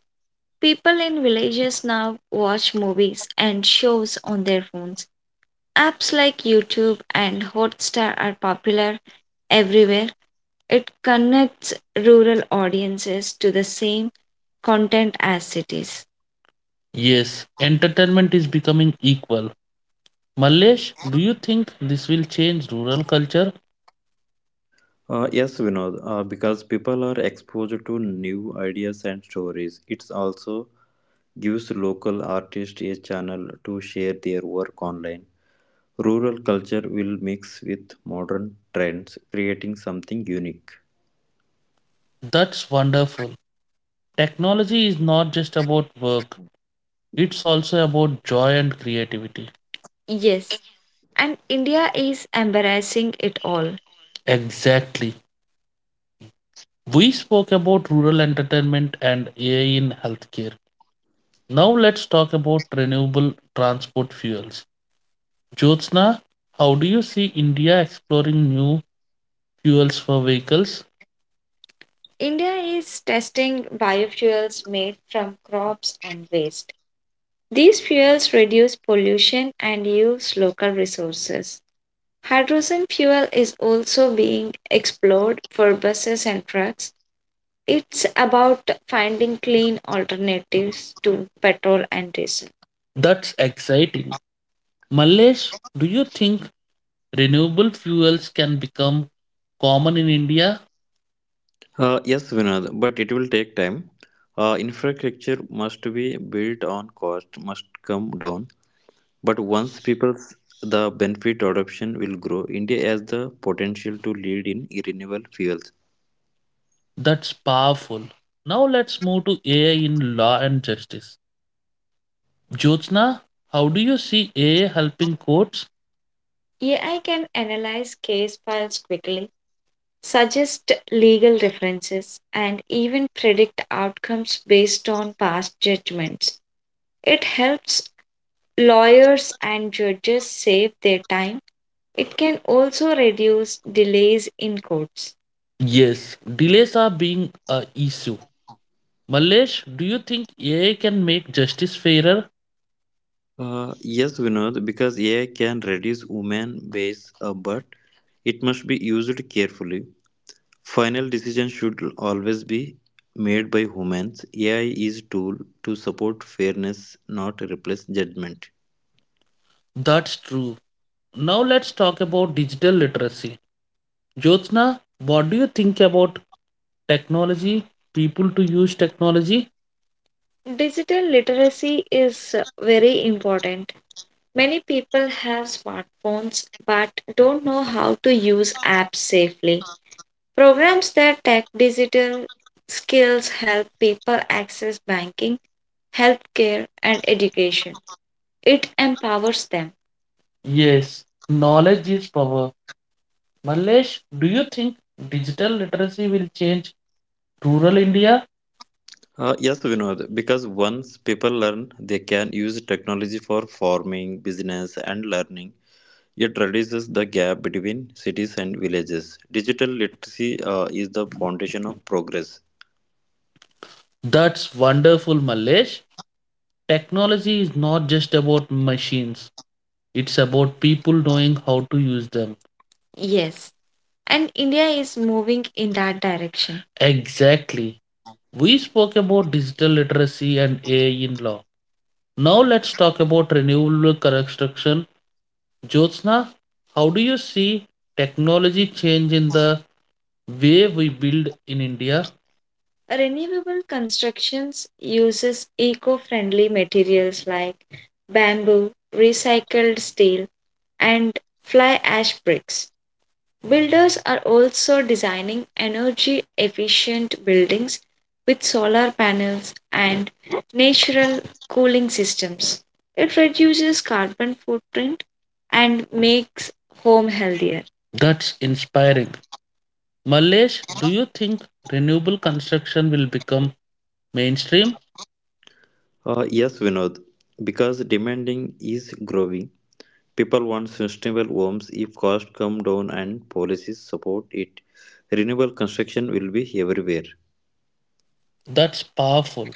People in villages now watch movies and shows on their phones. Apps like YouTube and Hotstar are popular everywhere. It connects rural audiences to the same content as cities. Yes, entertainment is becoming equal. Mallesh, do you think this will change rural culture?
Yes, Vinod, because people are exposed to new ideas and stories. It's also gives local artists a channel to share their work online. Rural culture will mix with modern trends, creating something unique.
That's wonderful. Technology is not just about work, it's also about joy and creativity. Yes, and India is embarrassing it all. Exactly. We spoke about rural entertainment and AI in healthcare. Now let's talk about renewable transport fuels. Jyotsna, how do you see India exploring new fuels for vehicles? India is testing biofuels made from crops and waste. These fuels reduce pollution and use local resources. Hydrogen fuel is also being explored for buses and trucks. It's about finding clean alternatives to petrol and diesel. That's exciting. Mallesh, do you think renewable fuels can become common in India?
Yes, Vinod, but it will take time. Infrastructure must be built on cost, must come down. But once people's the benefit adoption will grow, India has the potential to lead in renewable fuels.
That's powerful. Now let's move to AI in law and justice. Jyotsna, how do you see AI helping courts? AI can analyze case files quickly, suggest legal references, and even predict outcomes based on past judgments. It helps lawyers and judges save their time. It can also reduce delays in courts. Yes, delays are being a issue. Malesh, do you think AI can make justice fairer?
Yes, Vinod, because AI can reduce women bias, but it must be used carefully. Final decision should always be made by humans. AI is tool to support fairness, not replace judgment.
That's true. Now let's talk about digital literacy. Jyotsna, what do you think about technology, people to use technology? Digital literacy is very important. Many people have smartphones but don't know how to use apps safely. Programs that tech digital skills help people access banking, healthcare, and education. It empowers them. Yes, knowledge is power. Malesh, do you think digital literacy will change rural India?
Yes, Vinod, because once people learn, they can use technology for farming, business, and learning. It reduces the gap between cities and villages. Digital literacy is the foundation of progress.
That's wonderful, Malesh. Technology is not just about machines, it's about people knowing how to use them. Yes. And India is moving in that direction. Exactly. We spoke about digital literacy and AI in law. Now let's talk about renewable construction. Jyotsna, how do you see technology change in the way we build in India? Renewable constructions uses eco-friendly materials like bamboo, recycled steel, and fly ash bricks. Builders are also designing energy efficient buildings with solar panels and natural cooling systems. It reduces carbon footprint and makes home healthier. That's inspiring. Malesh, do you think renewable construction will become mainstream?
Yes, Vinod. Because demanding is growing. People want sustainable homes if costs come down and policies support it. Renewable construction will be everywhere.
That's powerful.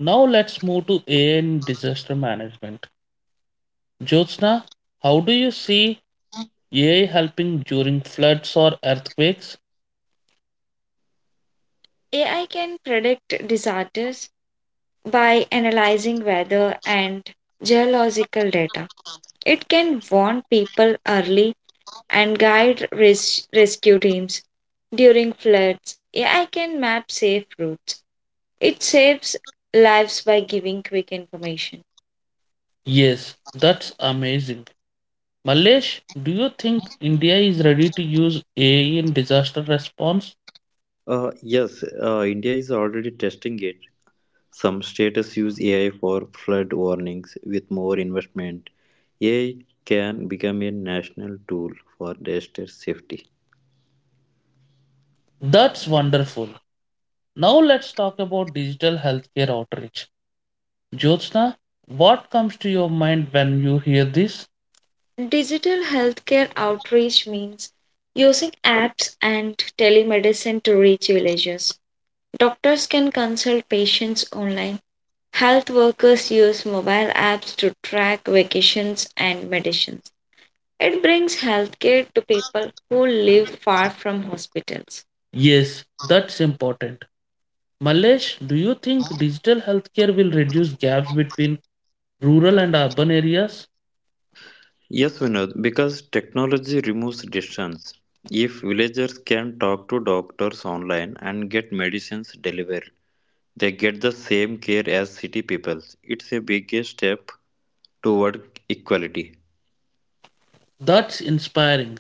Now let's move to AI and disaster management. Jyotsna, how do you see AI helping during floods or earthquakes? AI can predict disasters by analyzing weather and geological data. It can warn people early and guide rescue teams during floods. AI can map safe routes. It saves lives by giving quick information. Yes, that's amazing. Malesh, do you think India is ready to use AI in disaster response?
Yes, India is already testing it. Some states use AI for flood warnings with more investment. AI can become a national tool for disaster safety.
That's wonderful. Now let's talk about digital healthcare outreach. Jyotsna, what comes to your mind when you hear this? Digital healthcare outreach means using apps and telemedicine to reach villages. Doctors can consult patients online. Health workers use mobile apps to track vacations and medicines. It brings healthcare to people who live far from hospitals. Yes, that's important. Malesh, do you think digital healthcare will reduce gaps between rural and urban areas?
Yes, Vinod, because technology removes distance. If villagers can talk to doctors online and get medicines delivered, they get the same care as city people. It's a big step toward equality.
That's inspiring.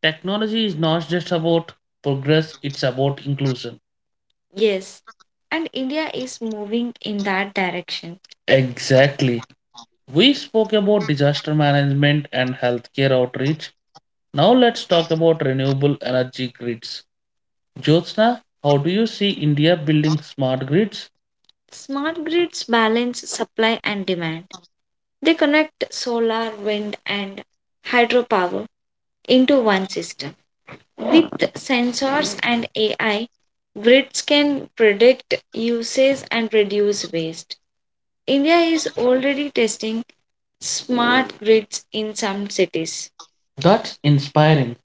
Technology is not just about progress, it's about inclusion. Yes, and India is moving in that direction. Exactly. We spoke about disaster management and healthcare outreach. Now let's talk about renewable energy grids. Jyotsna, how do you see India building smart grids? Smart grids balance supply and demand. They connect solar, wind, and hydropower into one system. With sensors and AI, grids can predict uses and reduce waste. India is already testing smart grids in some cities. That's inspiring.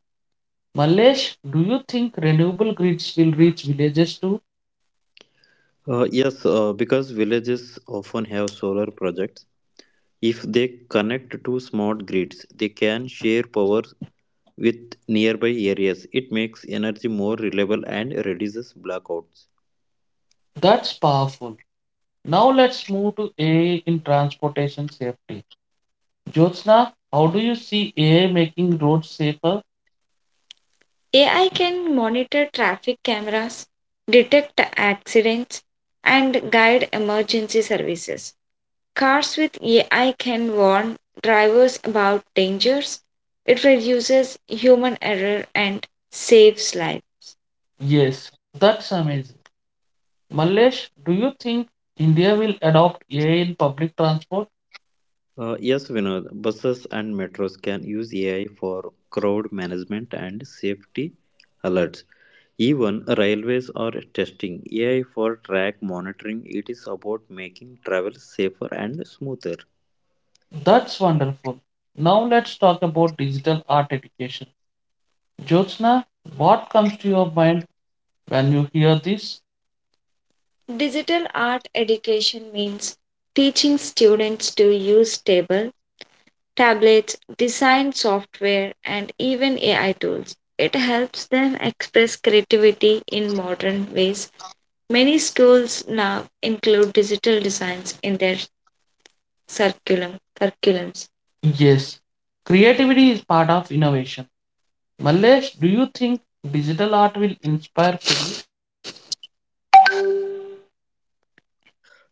Malesh, do you think renewable grids will reach villages too?
Yes, because villages often have solar projects. If they connect to smart grids, they can share power with nearby areas. It makes energy more reliable and reduces blackouts.
That's powerful. Now let's move to AI in transportation safety. Jyotsna, how do you see AI making roads safer? AI can monitor traffic cameras, detect accidents, and guide emergency services. Cars with AI can warn drivers about dangers. It reduces human error and saves lives. Yes, that's amazing. Mallesh, do you think India will adopt AI in public transport?
Yes, Vinod, buses and metros can use AI for crowd management and safety alerts. Even railways are testing AI for track monitoring. It is about making travel safer and smoother.
That's wonderful. Now let's talk about digital art education. Jyotsna, what comes to your mind when you hear this? Digital art education means teaching students to use tablets, design software, and even AI tools. It helps them express creativity in modern ways. Many schools now include digital designs in their curriculums. Yes, creativity is part of innovation. Mallesh, do you think digital art will inspire kids?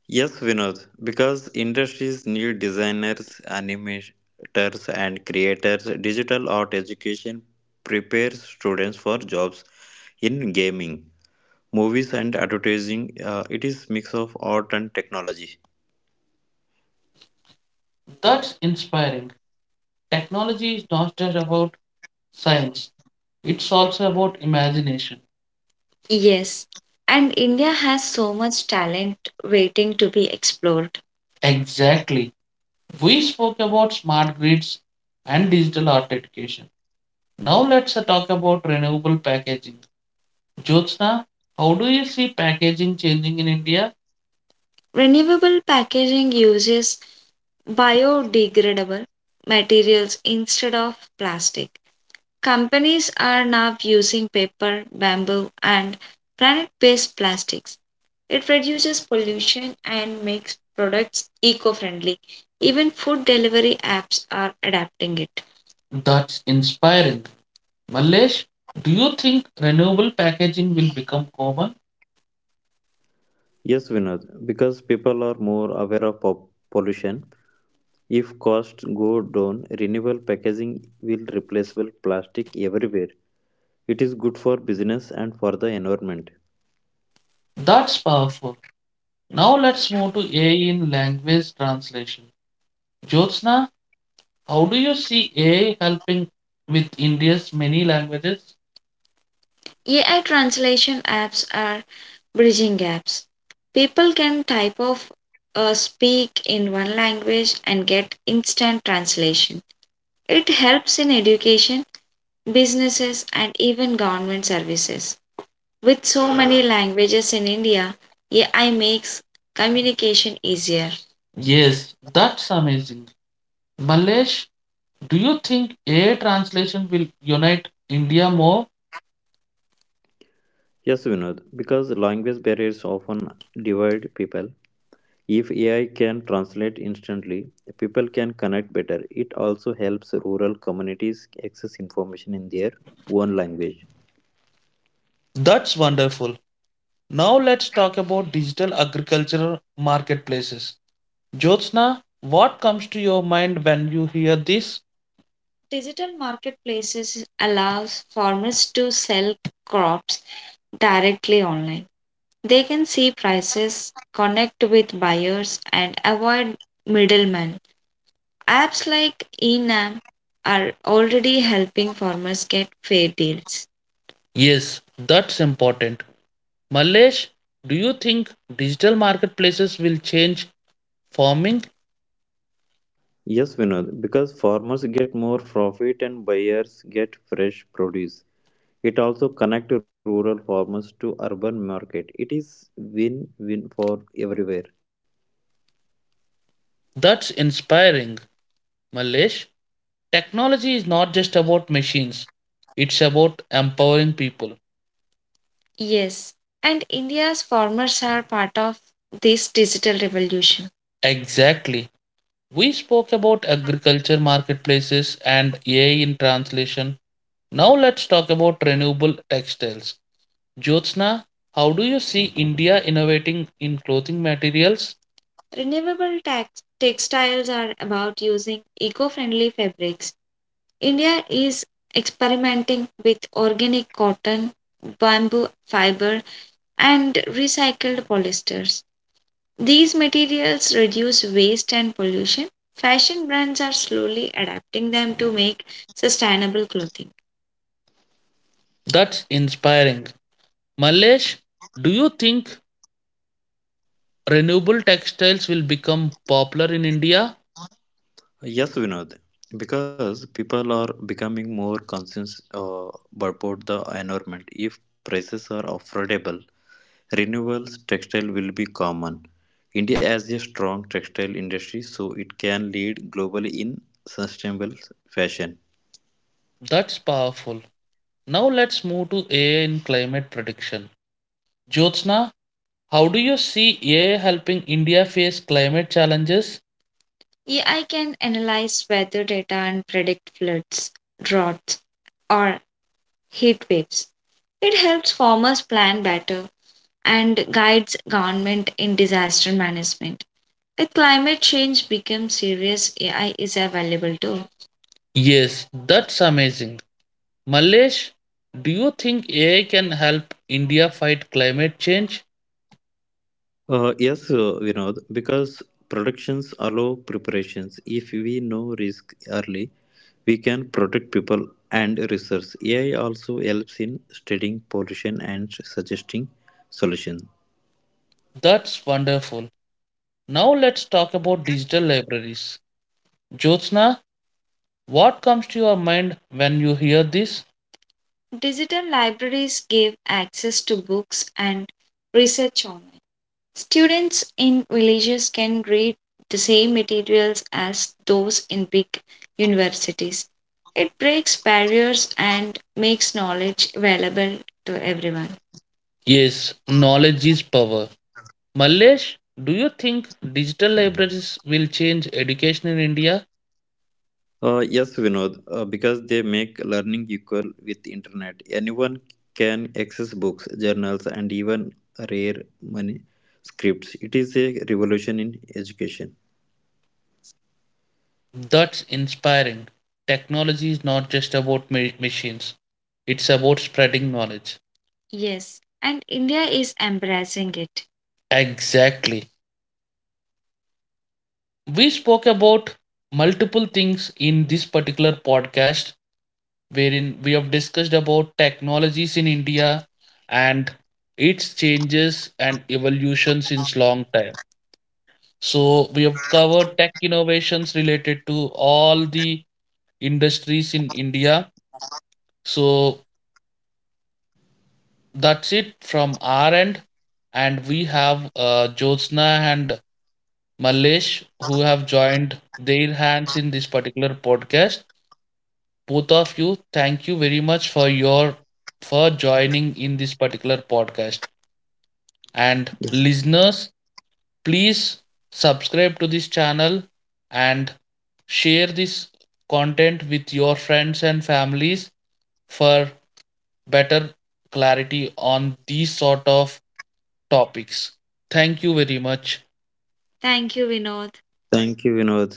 Yes, Vinod, because industries need designers, animators, and creators. Digital art education prepares students for jobs in gaming, movies, and advertising. It is mix of art and technology.
That's inspiring. Technology is not just about science, it's also about imagination. Yes, and India has so much talent waiting to be explored. Exactly. We spoke about smart grids and digital art education. Now let's talk about renewable packaging. Jyotsna, how do you see packaging changing in India? Renewable packaging uses biodegradable materials instead of plastic. Companies are now using paper, bamboo, and planet based plastics. It reduces pollution and makes products eco friendly. Even food delivery apps are adapting it. That's inspiring. Mallesh, do you think renewable packaging will become common?
Yes, Vinod, because people are more aware of pop pollution. If costs go down, renewable packaging will replaceable plastic everywhere. It is good for business and for the environment.
That's powerful. Now let's move to AI in language translation. Jyotsna, how do you see AI helping with India's many languages? AI translation apps are bridging gaps. People can type of speak in one language and get instant translation. It helps in education, businesses, and even government services. With so many languages in India, AI makes communication easier. Yes, that's amazing. Malesh, do you think AI translation will unite India more?
Yes, Vinod, because language barriers often divide people. If AI can translate instantly, people can connect better. It also helps rural communities access information in their own language.
That's wonderful. Now let's talk about digital agricultural marketplaces. Jyotsna, what comes to your mind when you hear this? Digital marketplaces allows farmers to sell crops directly online. They can see prices, connect with buyers and avoid middlemen. Apps like Enam are already helping farmers get fair deals. Yes, that's important. Malesh, do you think digital marketplaces will change farming?
Yes, Vinod, because farmers get more profit and buyers get fresh produce. It also connects rural farmers to urban market. It is win-win for everywhere.
That's inspiring. Malesh, technology is not just about machines, it's about empowering people. Yes, and India's farmers are part of this digital revolution. Exactly. We spoke about agriculture marketplaces and AI in translation. Now let's talk about renewable textiles. Jyotsna, how do you see India innovating in clothing materials? Renewable textiles are about using eco friendly fabrics. India is experimenting with organic cotton, bamboo fiber, and recycled polyesters. These materials reduce waste and pollution. Fashion brands are slowly adapting them to make sustainable clothing. That's inspiring. Malesh, do you think renewable textiles will become popular in India?
Yes, Vinod, because people are becoming more conscious about the environment. If prices are affordable, renewables textile will be common. India has a strong textile industry, so it can lead globally in sustainable fashion.
That's powerful. Now let's move to AI in climate prediction. Jyotsna, how do you see AI helping India face climate challenges? AI can analyze weather data and predict floods, droughts, or heat waves. It helps farmers plan better and guides government in disaster management. If climate change becomes serious, AI is available too. Yes, that's amazing. Malesh, do you think AI can help India fight climate change?
Yes, Vinod, because productions allow preparations. If we know risk early, we can protect people and research. AI also helps in studying pollution and suggesting solutions.
That's wonderful. Now let's talk about digital libraries. Jyotsna, what comes to your mind when you hear this? Digital libraries give access to books and research online. Students in villages can read the same materials as those in big universities. It breaks barriers and makes knowledge available to everyone. Yes, knowledge is power. Mallesh, do you think digital libraries will change education in India?
Yes, Vinod, because they make learning equal with internet. Anyone can access books, journals, and even rare manuscripts. It is a revolution in education.
That's inspiring. Technology is not just about machines, it's about spreading knowledge. Yes, and India is embracing it. Exactly. We spoke about multiple things in this particular podcast, wherein we have discussed about technologies in India and its changes and evolution since long time. So we have covered tech innovations related to all the industries in India. So that's it from our end. And we have Jyotsna and Malesh who have joined their hands in this particular podcast. Both of you, thank you very much for your for joining in this particular podcast. And
Yes.
listeners, please subscribe to this channel and share this content with your friends and families for better clarity on these sort of topics. Thank you very much. Thank you, Vinod.
Thank you, Vinod.